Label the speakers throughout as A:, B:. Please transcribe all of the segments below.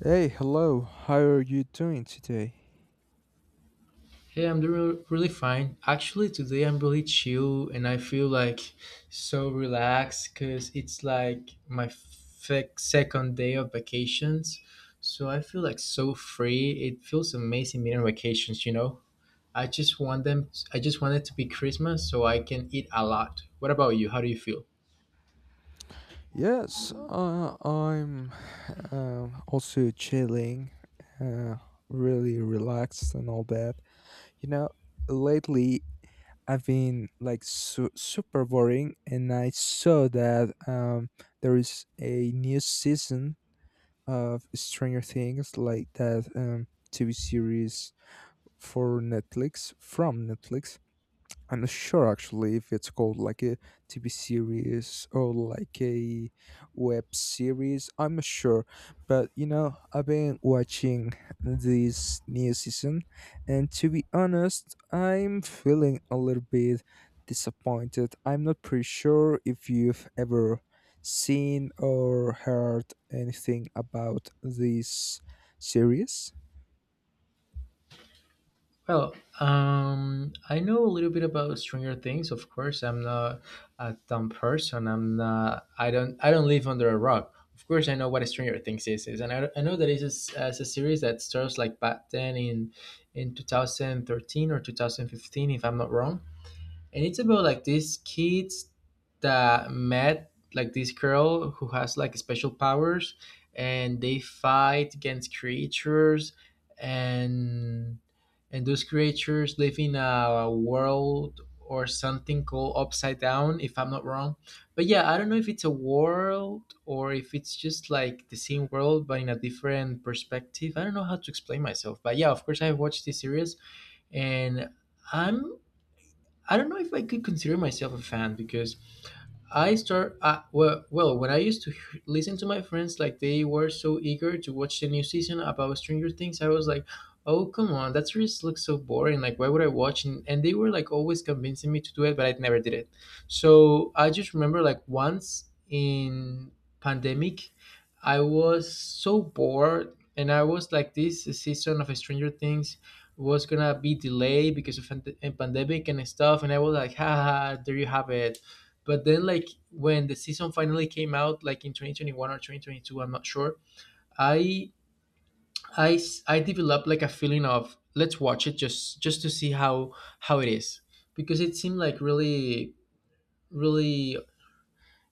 A: Hey, hello. How are you doing today?
B: Hey, I'm doing really fine. Actually, today I'm really chill and I feel like so relaxed because it's like my second day of vacations. So I feel like so free. It feels amazing being on vacations, you know? I just want it to be Christmas so I can eat a lot. What about you? How do you feel?
A: Yes, I'm also chilling, uh, really relaxed and all that. You know, lately I've been like super boring, and I saw that there is a new season of Stranger Things, like that TV series for Netflix from Netflix. I'm not sure actually if it's called like a TV series or like a web series. I'm not sure, but you know, I've been watching this new season, and to be honest, I'm feeling a little bit disappointed. I'm not pretty sure if you've ever seen or heard anything about this series.
B: Well, I know a little bit about Stranger Things. Of course, I'm not a dumb person. I'm not. I don't. I don't live under a rock. Of course, I know what Stranger Things is and I know that it's as a series that starts like back then in 2013 or 2015, if I'm not wrong, and it's about like these kids that met like this girl who has like special powers and they fight against creatures and and those creatures live in a world or something called Upside Down, if I'm not wrong. But yeah, I don't know if it's a world or if it's just like the same world but in a different perspective. I don't know how to explain myself, but yeah, of course I've watched this series. And i'm I don't know if I could consider myself a fan because I start when I used to listen to my friends, like they were so eager to watch the new season about Stranger Things, I was like, "Oh, come on, that series looks so boring. Like, why would I watch?" And they were like always convincing me to do it, but I never did it. So I just remember like once in pandemic, I was so bored, and I was like, "This season of Stranger Things was gonna be delayed because of a pandemic and stuff." And I was like, haha, there you have it. But then like when the season finally came out, like in 2021 or 2022, I'm not sure, i I developed like a feeling of let's watch it, just to see how it is, because it seemed like really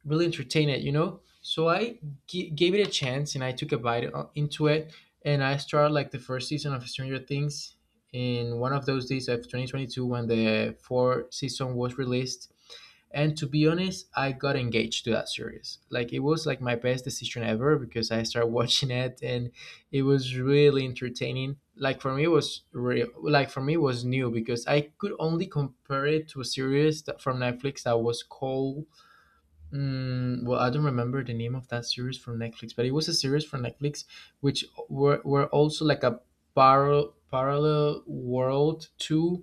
B: really entertain it, you know? So I gave it a chance and I took a bite into it. And I started like the first season of Stranger Things in one of those days of 2022, when the fourth season was released. And to be honest, I got engaged to that series. Like it was like my best decision ever, because I started watching it and it was really entertaining. Like for me, it was real. Like for me, it was new, because I could only compare it to a series that, from Netflix, that was called, I don't remember the name of that series from Netflix, but it was a series from Netflix which were also like a parallel world too,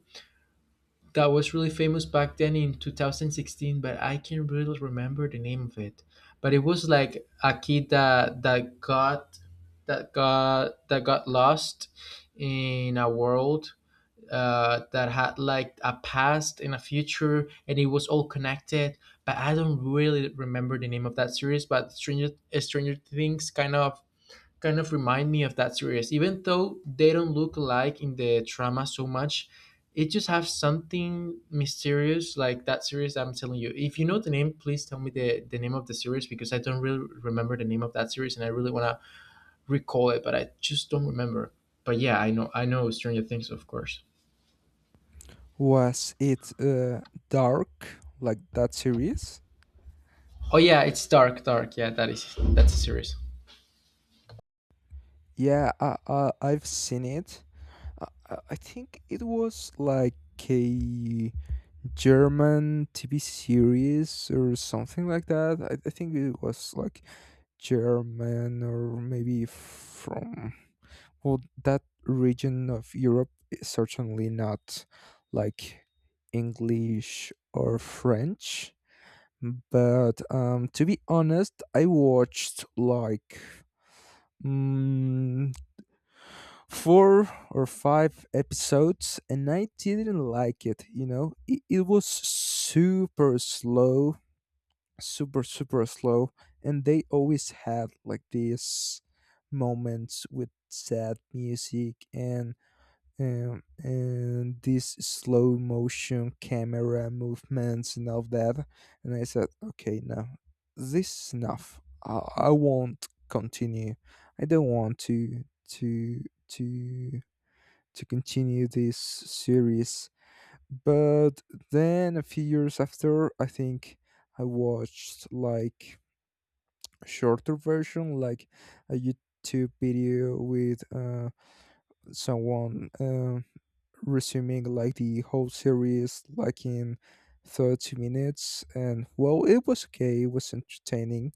B: that was really famous back then in 2016, but I can't really remember the name of it. But it was like a kid that got lost in a world that had like a past and a future, and it was all connected. But I don't really remember the name of that series. But Stranger Things kind of remind me of that series, even though they don't look alike in the drama so much. It just have something mysterious like that series, I'm telling you. If you know the name, please tell me the name of the series, because I don't really remember the name of that series and I really wanna recall it, but I just don't remember. But yeah, I know Stranger Things, of course.
A: Was it dark like that series?
B: Oh yeah, it's Dark. Yeah, that is that's a series.
A: Yeah, I've seen it. I think it was like a German TV series or something like that. I think it was like German or maybe from, well, that region of Europe. Is certainly not like English or French. But to be honest, I watched like mm, four or five episodes and I didn't like it, you know? It was super slow, super, super slow. And they always had like these moments with sad music, and these slow motion camera movements and all that. And I said, "Okay, no, this is enough. I won't continue. I don't want to to to continue this series." But then a few years after, I think I watched like a shorter version, like a YouTube video with someone resuming like the whole series, like in 30 minutes. And, well, it was okay, it was entertaining.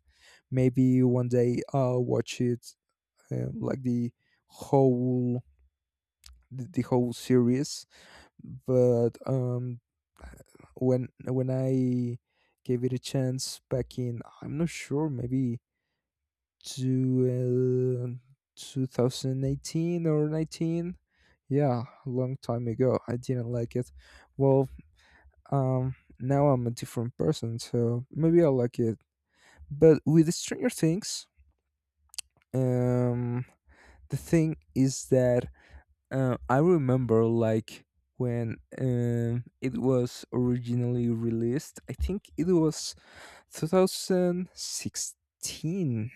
A: Maybe one day I'll watch it, like the whole, the whole series. But when I gave it a chance back in, I'm not sure, maybe 2018 or 19, yeah, a long time ago, I didn't like it. Well, now I'm a different person, so maybe I like it. But with Stranger Things, um the thing is that, I remember like when, it was originally released. I think it was 2016,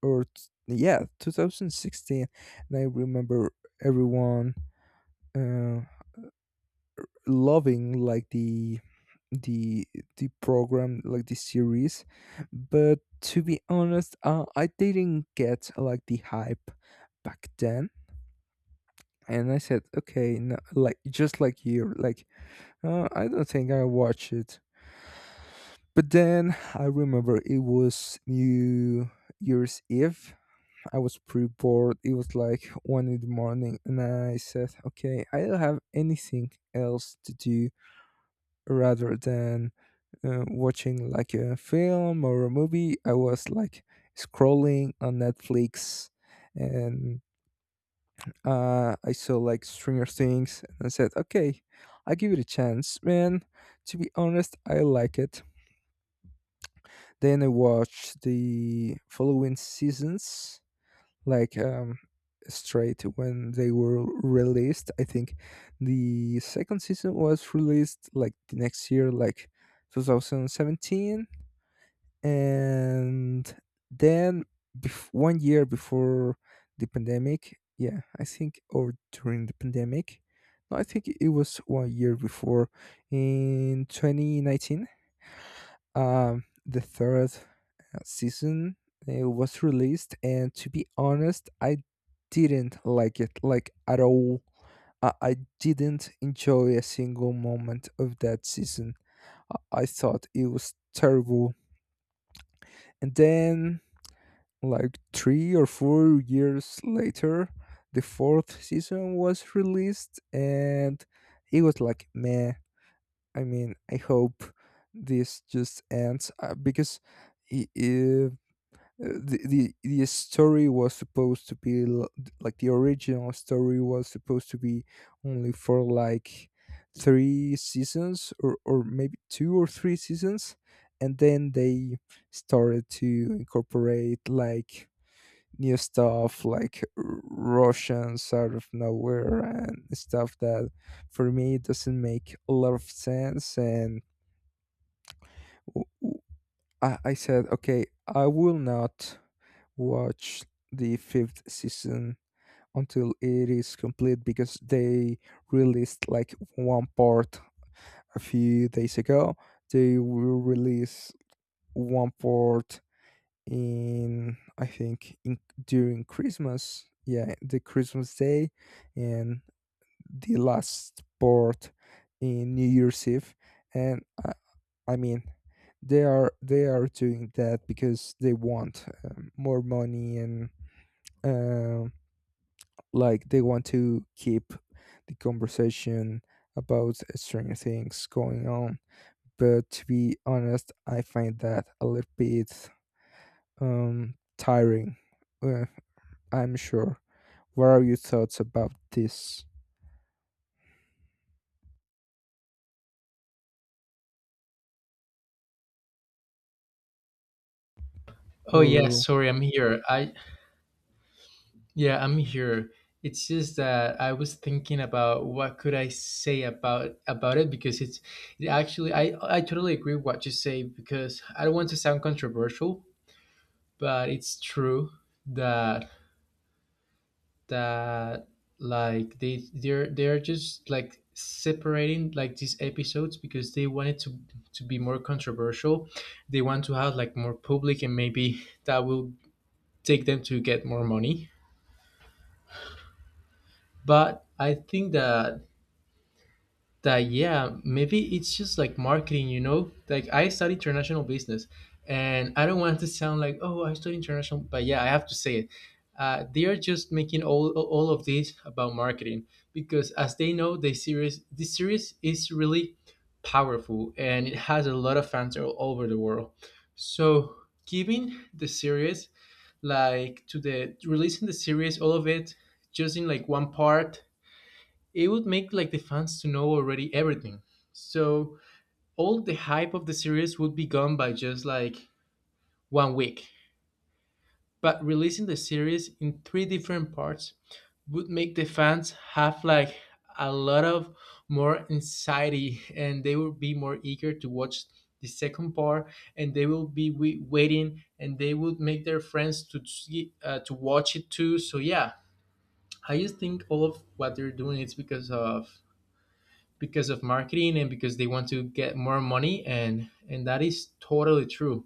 A: or yeah, 2016. And I remember everyone, uh, loving like the the program, like the series. But to be honest, I didn't get like the hype back then. And I said, "Okay, no," like, just like you, like, I don't think I watch it. But then I remember it was New Year's Eve. I was pretty bored. It was like one in the morning, and I said, "Okay, I don't have anything else to do rather than, watching like a film or a movie." I was like scrolling on Netflix, and, I saw like Stranger Things, and I said, "Okay, I give it a chance, man." To be honest, I like it. Then I watched the following seasons, like, straight when they were released. I think the second season was released like the next year, like 2017, and then one year before the pandemic. Yeah, I think, or during the pandemic. No, I think it was one year before, in 2019. The third, season, was released, and to be honest, I didn't like it like at all. I didn't enjoy a single moment of that season. I thought it was terrible. And then like 3 or 4 years later, the fourth season was released, and it was like meh. I mean, I hope this just ends, because if, the, the story was supposed to be like the original story was supposed to be only for like three seasons, or maybe two or three seasons. And then they started to incorporate like new stuff like russians out of nowhere and stuff that for me doesn't make a lot of sense. And w- w- I said, okay, I will not watch the fifth season until it is complete, because they released like one part a few days ago. They will release one part in, I think, during Christmas. Yeah, the Christmas Day. And the last part in New Year's Eve. And I mean, they are doing that because they want, more money, and, um, like they want to keep the conversation about strange things going on. But to be honest, I find that a little bit, tiring. Uh, I'm sure. What are your thoughts about this?
B: Oh yeah,
A: Or
B: sorry, I'm here. I'm here. It's just that I was thinking about what could I say about it, because it's, it actually, I totally agree with what you say, because I don't want to sound controversial, but it's true that that like they're just like separating like these episodes because they wanted to be more controversial. They want to have like more public, and maybe that will take them to get more money. But I think that yeah, maybe it's just like marketing, you know, like I study international business, and I don't want to sound like, oh, I study international, but yeah, I have to say it. They are just making all of this about marketing, because as they know, the series, this series is really powerful and it has a lot of fans all over the world. So giving the series, like, to the releasing the series, all of it just in like one part, it would make like the fans to know already everything. So all the hype of the series would be gone by just like one week. But releasing the series in three different parts would make the fans have like a lot of more anxiety, and they will be more eager to watch the second part, and they will be waiting, and they would make their friends to see, to watch it too. So yeah, I just think all of what they're doing is because of marketing and because they want to get more money, and that is totally true,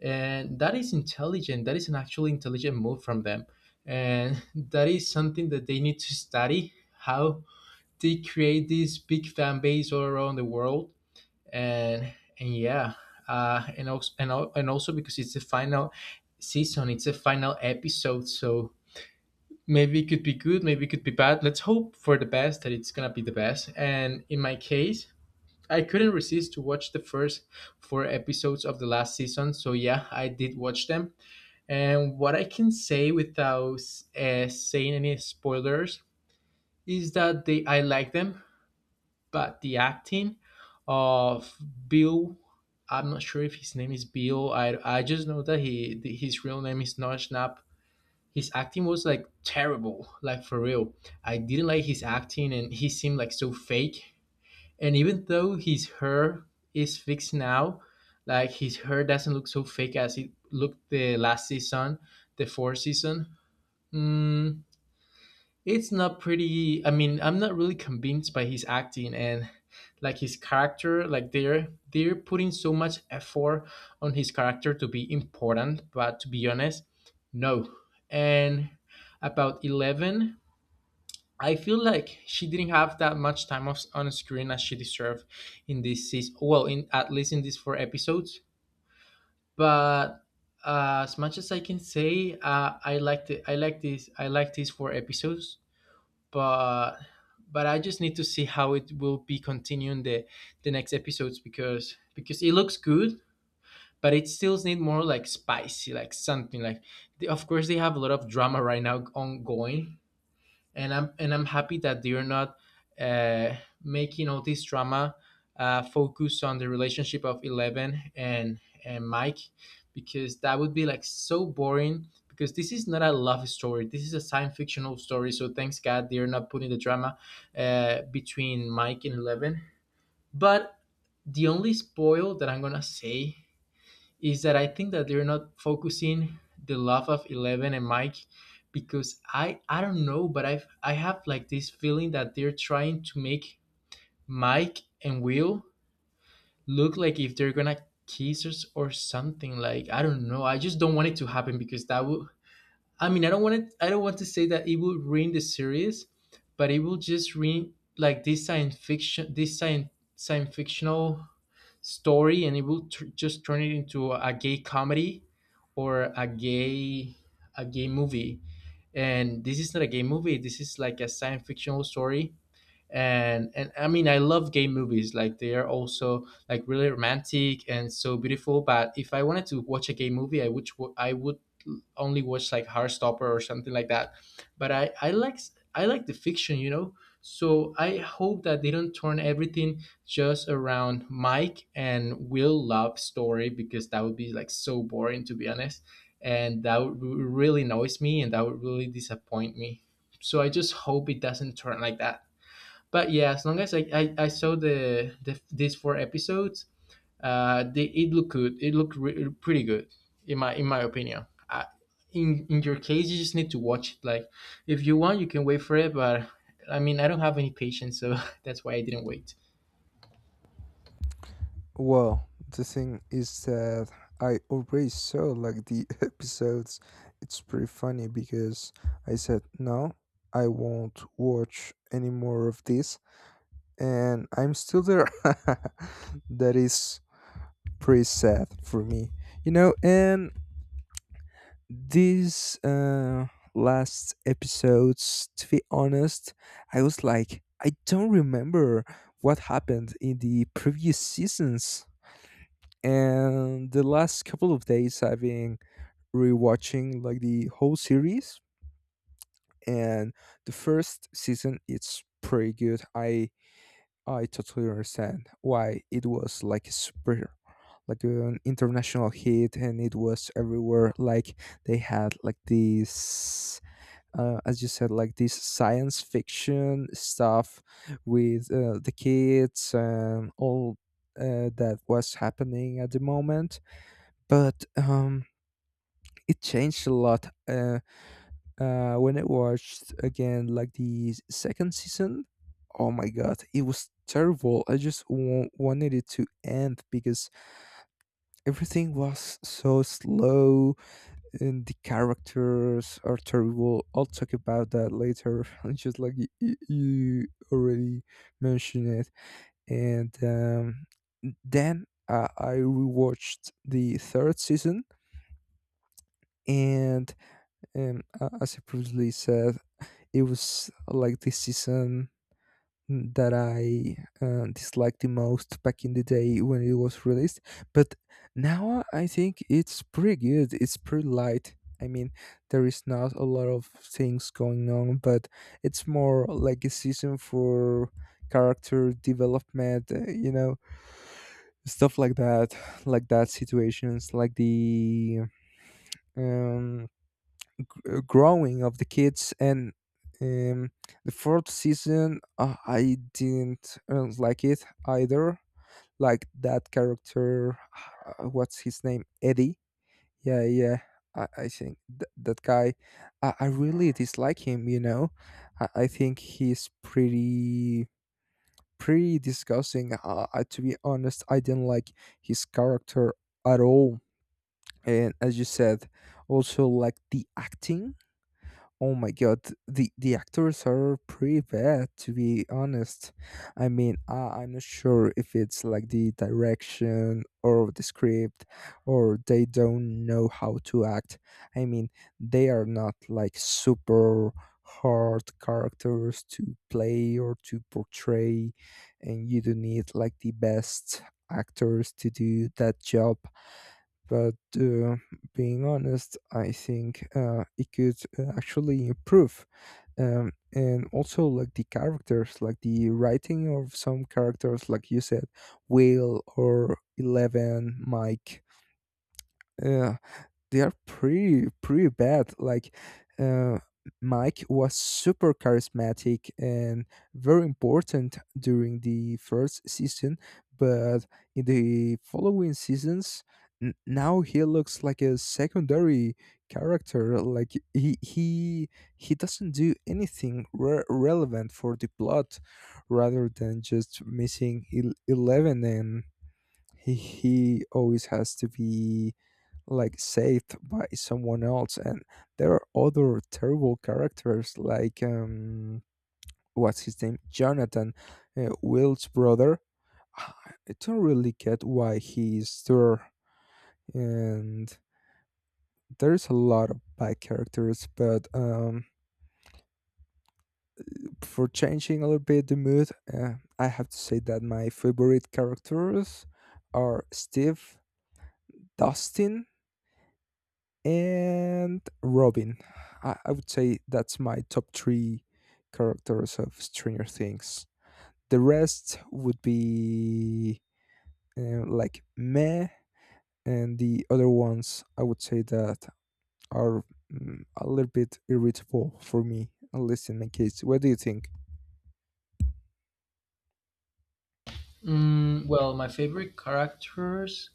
B: and that is intelligent, that is an actually intelligent move from them, and that is something that they need to study, how they create this big fan base all around the world. And and yeah, and also and also, because it's the final season, it's a final episode, so maybe it could be good, maybe it could be bad, let's hope for the best, that it's gonna be the best. And in my case, I couldn't resist to watch the first four episodes of the last season, so yeah, I did watch them. And what I can say without saying any spoilers is that they I like them, but the acting of Bill, I'm not sure if his name is Bill. I just know that he his real name is not Schnapp. His acting was like terrible, like for real. I didn't like his acting, and he seemed like so fake. And even though his hair is fixed now, like his hair doesn't look so fake as it looked the last season, the fourth season. Mm, it's not pretty. I mean, I'm not really convinced by his acting and like his character. Like they're putting so much effort on his character to be important, but to be honest, no. And about Eleven, I feel like she didn't have that much time off on screen as she deserved in this season. Well, in at least in these four episodes. But as much as I can say, I liked it. I like this. I like these four episodes. But but I just need to see how it will be continuing the next episodes, because it looks good, but it still need more like spicy, like something like. Of course, they have a lot of drama right now ongoing, and I'm happy that they're not uh, making all this drama focus on the relationship of Eleven and Mike, because that would be like so boring, because this is not a love story, this is a science fictional story, so thanks God they're not putting the drama between Mike and Eleven. But the only spoil that I'm gonna say is that I think that they're not focusing the love of Eleven and Mike, because I don't know, but I have like this feeling that they're trying to make Mike and Will look like if they're gonna kiss, or, or something. Like I don't know. I just don't want it to happen, because that would, I mean, I don't want to say that it will ruin the series, but it will just ruin like this science fiction, this science fictional story, and it will just turn it into a gay comedy, or a gay, a gay movie. And this is not a gay movie, this is like a science fictional story. And I mean, I love gay movies, like they are also like really romantic and so beautiful. But if I wanted to watch a gay movie, I would, I would only watch like Heartstopper or something like that. But I like, I like the fiction, you know. So I hope that they don't turn everything just around Mike and Will love story, because that would be like so boring, to be honest, and that would really annoys me, and that would really disappoint me. So I just hope it doesn't turn like that. But yeah, as long as I saw the these four episodes, it looked good. It looked pretty good, in my opinion. I, in your case, you just need to watch it. Like, if you want, you can wait for it. But I mean, I don't have any patience, so that's why I didn't wait.
A: Well, the thing is that I already saw like the episodes. It's pretty funny because I said, no, I won't watch any more of this. And I'm still there. That is pretty sad for me. You know, and these, last episodes, to be honest, I was like, I don't remember what happened in the previous seasons. And the last couple of days I've been rewatching like the whole series. And the first season, it's pretty good. I totally understand why it was like a super, like an international hit, and it was everywhere. Like they had like this, as you said, like this science fiction stuff with, the kids and all, that was happening at the moment. But, it changed a lot, when I watched again, like, the second season. Oh my god, it was terrible. I just wanted it to end because everything was so slow and the characters are terrible. I'll talk about that later. It's just like you already mentioned it. And, then, I rewatched the third season. And, as I previously said, it was like the season that I, disliked the most back in the day when it was released. But now I think it's pretty good. It's pretty light. I mean, there is not a lot of things going on, but it's more like a season for character development, you know, stuff like that situations, like the, um growing of the kids. And, um, the fourth season, I didn't, like it either, like that character, what's his name, Eddie? Yeah, yeah. I think that guy, I really dislike him, you know. I think he's pretty pretty disgusting. To be honest, I didn't like his character at all. And as you said, also like the acting. Oh my god, the actors are pretty bad, to be honest. I mean, I'm not sure if it's like the direction or the script, or they don't know how to act. I mean, they are not like super hard characters to play or to portray. And you do need like the best actors to do that job. But, being honest, I think, it could, actually improve. And also, like the characters, like the writing of some characters, like you said, Will or Eleven, Mike. Uh, they are pretty pretty bad. Like, uh, Mike was super charismatic and very important during the first season, but in the following seasons, now he looks like a secondary character. Like he doesn't do anything relevant for the plot, rather than just missing eleven and. He always has to be like saved by someone else. And there are other terrible characters, like, what's his name, Jonathan? Will's brother. I don't really get why he's there. And there's a lot of bad characters. But, for changing a little bit the mood, I have to say that my favorite characters are Steve, Dustin, and Robin. I would say that's my top three characters of Stranger Things. The rest would be, like meh, and the other ones I would say that are, a little bit irritable for me, at least in my case. What do you think?
B: Mm, well, my favorite characters,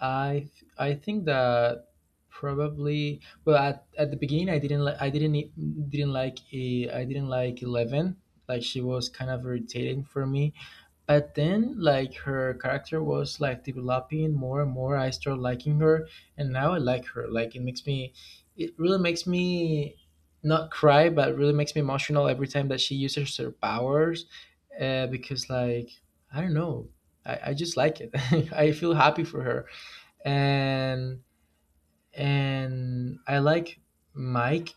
B: I I think that probably well at the beginning I didn't like I didn't e- didn't like I didn't like Eleven. Like she was kind of irritating for me. But then, like her character was like developing more and more. I started liking her, and now I like her. Like it makes me, it really makes me not cry, but it really makes me emotional every time that she uses her powers, because like I don't know, I just like it. I feel happy for her, and I like Mike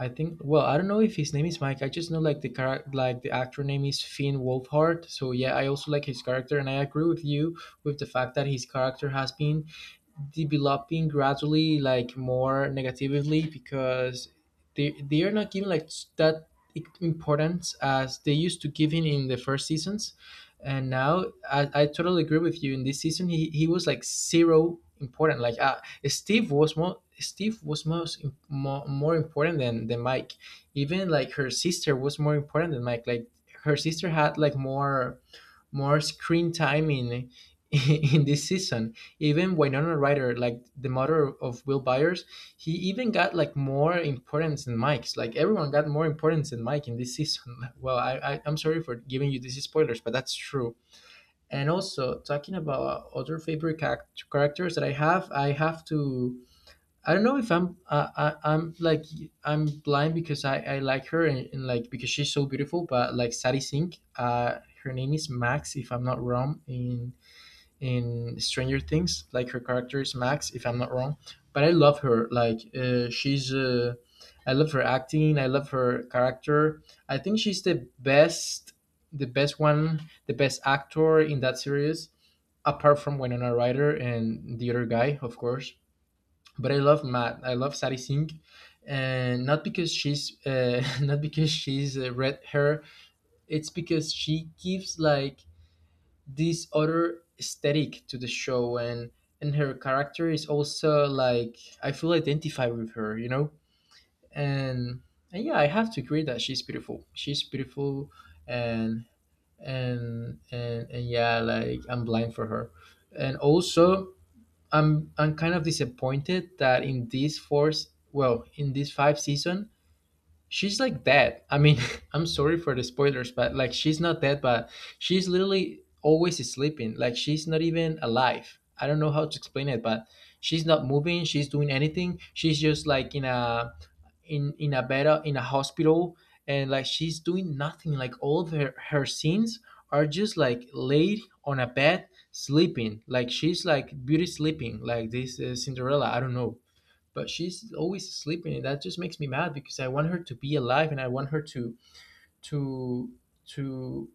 B: I think. Well, I don't know if his name is Mike. I just know like the character, like the actor name is Finn Wolfhard. So yeah, I also like his character, and I agree with you with the fact that his character has been developing gradually like more negatively because they are not giving like that importance as they used to giving in the first seasons and now I totally agree with you. In this season he was like zero important, like Steve was more, steve was most im- more, more important than Mike. Even like her sister was more important than Mike. Like her sister had like more screen time in in this season. Even Winona Ryder, like the mother of Will Byers, he even got like more importance in Mike's. Like everyone got more importance in Mike in this season. Well, I'm sorry for giving you these spoilers, but that's true. And also talking about other favorite characters that I have to. I don't know if I'm like I'm blind because I like her, and like because she's so beautiful. But like Sari Singh, her name is Max if I'm not wrong in Stranger Things. Like her character is Max if I'm not wrong. But I love her. Like she's I love her acting. I love her character. I think she's the best, the best one, the best actor in that series apart from Winona Ryder and the other guy, of course, but I love Matt. I love Sari Singh, and not because she's not because she's red hair. It's because she gives like this other aesthetic to the show, and her character is also like I feel identified with her, you know. And yeah, I have to agree that she's beautiful. She's beautiful, and and and yeah, like I'm blind for her. And also, I'm kind of disappointed that in this fourth, well, in this five season, she's like dead. I mean, I'm sorry for the spoilers, but like she's not dead, but she's literally always sleeping. Like she's not even alive. I don't know how to explain it, but she's not moving. She's doing anything. She's just like in a in a bed in a hospital, and like she's doing nothing. Like all of her scenes are just like laid on a bed sleeping. Like she's like beauty sleeping. Like this Cinderella. I don't know, but she's always sleeping, and that just makes me mad because I want her to be alive, and I want her to to to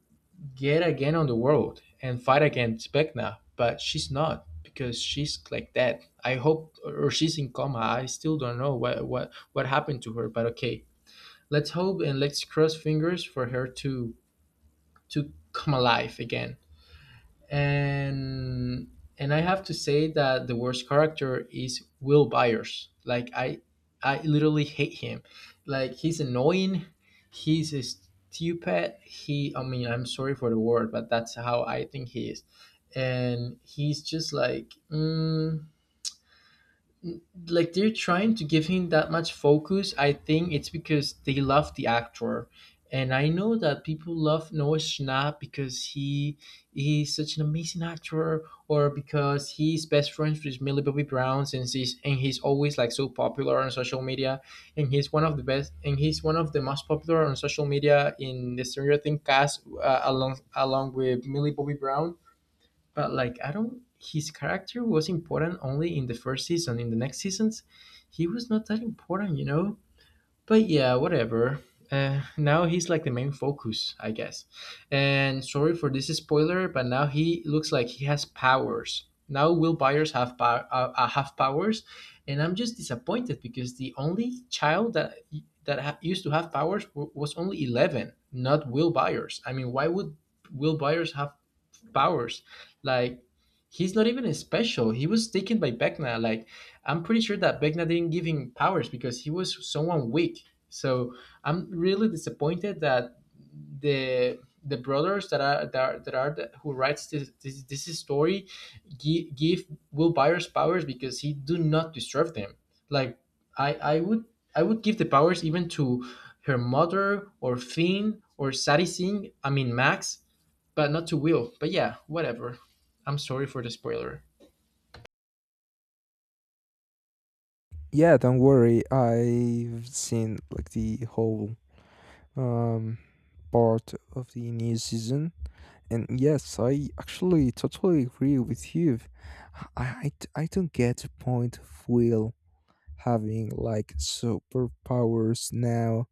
B: get again on the world and fight against Vecna, but she's not because she's like that. I hope, or she's in coma. I still don't know what happened to her. But okay, let's hope and let's cross fingers for her to come alive again, and I have to say that the worst character is Will Byers. Like I literally hate him. Like he's annoying. He's stupid. He. I mean, I'm sorry for the word, but that's how I think he is. And he's just like. Mm, like they're trying to give him that much focus. I think it's because they love the actor, and I know that people love Noah Schnapp because he is such an amazing actor, or because he's best friends with Millie Bobby Brown since he's and he's always like so popular on social media, and he's one of the best, and he's one of the most popular on social media in the Stranger Things cast along with Millie Bobby Brown, but like I don't. His character was important only in the first season. In the next seasons, he was not that important, you know? But yeah, whatever. Now he's like the main focus, I guess. And sorry for this spoiler, but now he looks like he has powers. Now Will Byers have have powers, and I'm just disappointed because the only child that used to have powers was only eleven, not Will Byers. I mean, why would Will Byers have powers? Like, he's not even special. He was taken by Vecna. Like, I'm pretty sure that Vecna didn't give him powers because he was someone weak. So I'm really disappointed that the brothers that are who writes this story give Will Byers powers because he do not deserve them. Like I I would I would give the powers even to her mother or Finn or Sadi Singh. I mean Max, but not to Will. But yeah, whatever. I'm sorry for the spoiler.
A: Yeah, don't worry. I've seen like the whole, um, part of the new season. And yes, I actually totally agree with you. I, I, I don't get the point of Will having like superpowers now.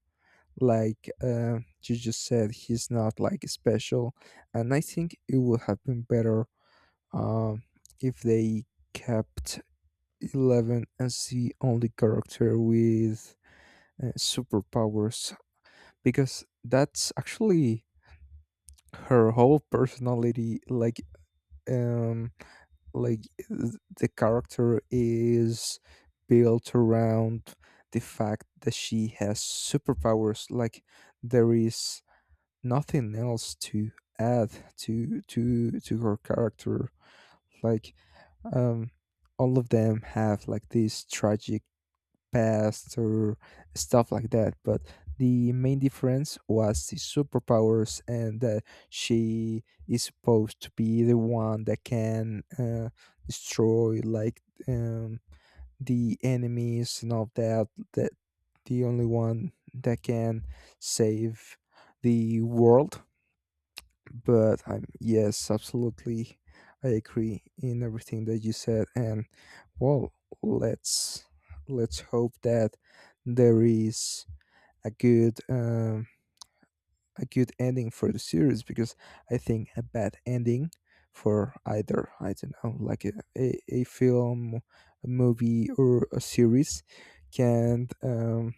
A: Like, you just said, he's not like special. And I think it would have been better, um, if they kept Eleven as the only character with, superpowers, because that's actually her whole personality. Um, like the character is built around the fact that she has superpowers. Like there is nothing else to add to her character. Like, um all of them have like these tragic past or stuff like that. But the main difference was the superpowers, and that she is supposed to be the one that can, destroy, like, um, the enemies and all that. That the only one that can save the world. But I'm yes, absolutely, I agree in everything that you said. And, well, let's hope that there is a good, ending for the series. Because I think a bad ending for either, I don't know, like a, a film, a movie, or a series can, um,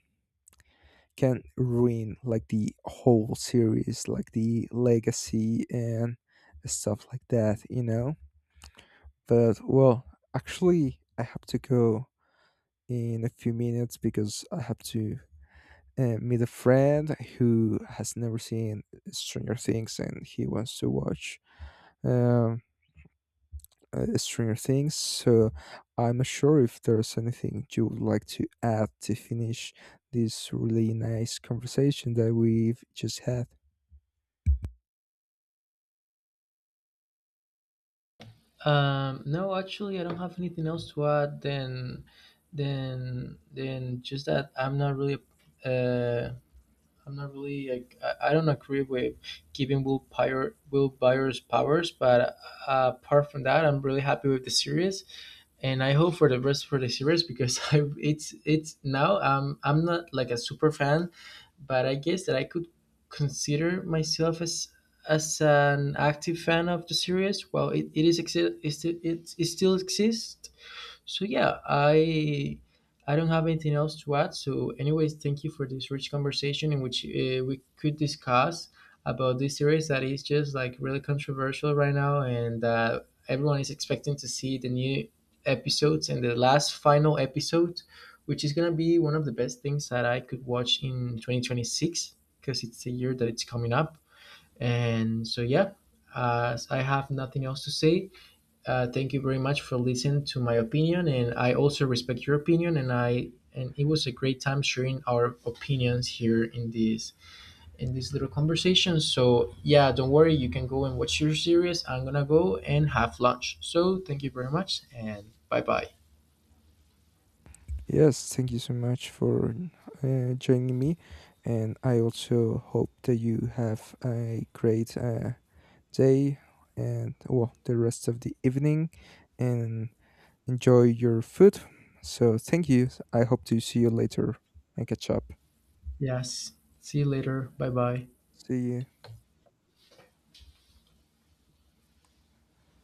A: can ruin like the whole series, like the legacy, and stuff like that, you know? But, well, actually, I have to go in a few minutes, because I have to, meet a friend who has never seen Stranger Things and he wants to watch, um, Stranger Things. So I'm not sure if there's anything you would like to add to finish this really nice conversation that we've just had.
B: No, actually, I don't have anything else to add. Then, just that I'm not really. Uh, I'm not really like I don't agree with giving Will Byers powers, but apart from that, I'm really happy with the series, and I hope for the rest for the series because I it's now I'm not like a super fan, but I guess that I could consider myself as an active fan of the series. Well, it is it still exists, so yeah, I don't have anything else to add. So anyways, thank you for this rich conversation in which we could discuss about this series that is just like really controversial right now, and everyone is expecting to see the new episodes and the last final episode, which is gonna be one of the best things that I could watch in 2026 because it's the year that it's coming up. And so yeah, as I have nothing else to say, thank you very much for listening to my opinion, and I also respect your opinion. And I and it was a great time sharing our opinions here in this little conversation. So yeah, don't worry, you can go and watch your series. I'm gonna go and have lunch. So thank you very much, and bye bye.
A: Yes, thank you so much for, joining me. And I also hope that you have a great, day and, well, the rest of the evening, and enjoy your food. So, thank you. I hope to see you later and catch up.
B: Yes, see you later. Bye bye.
A: See you.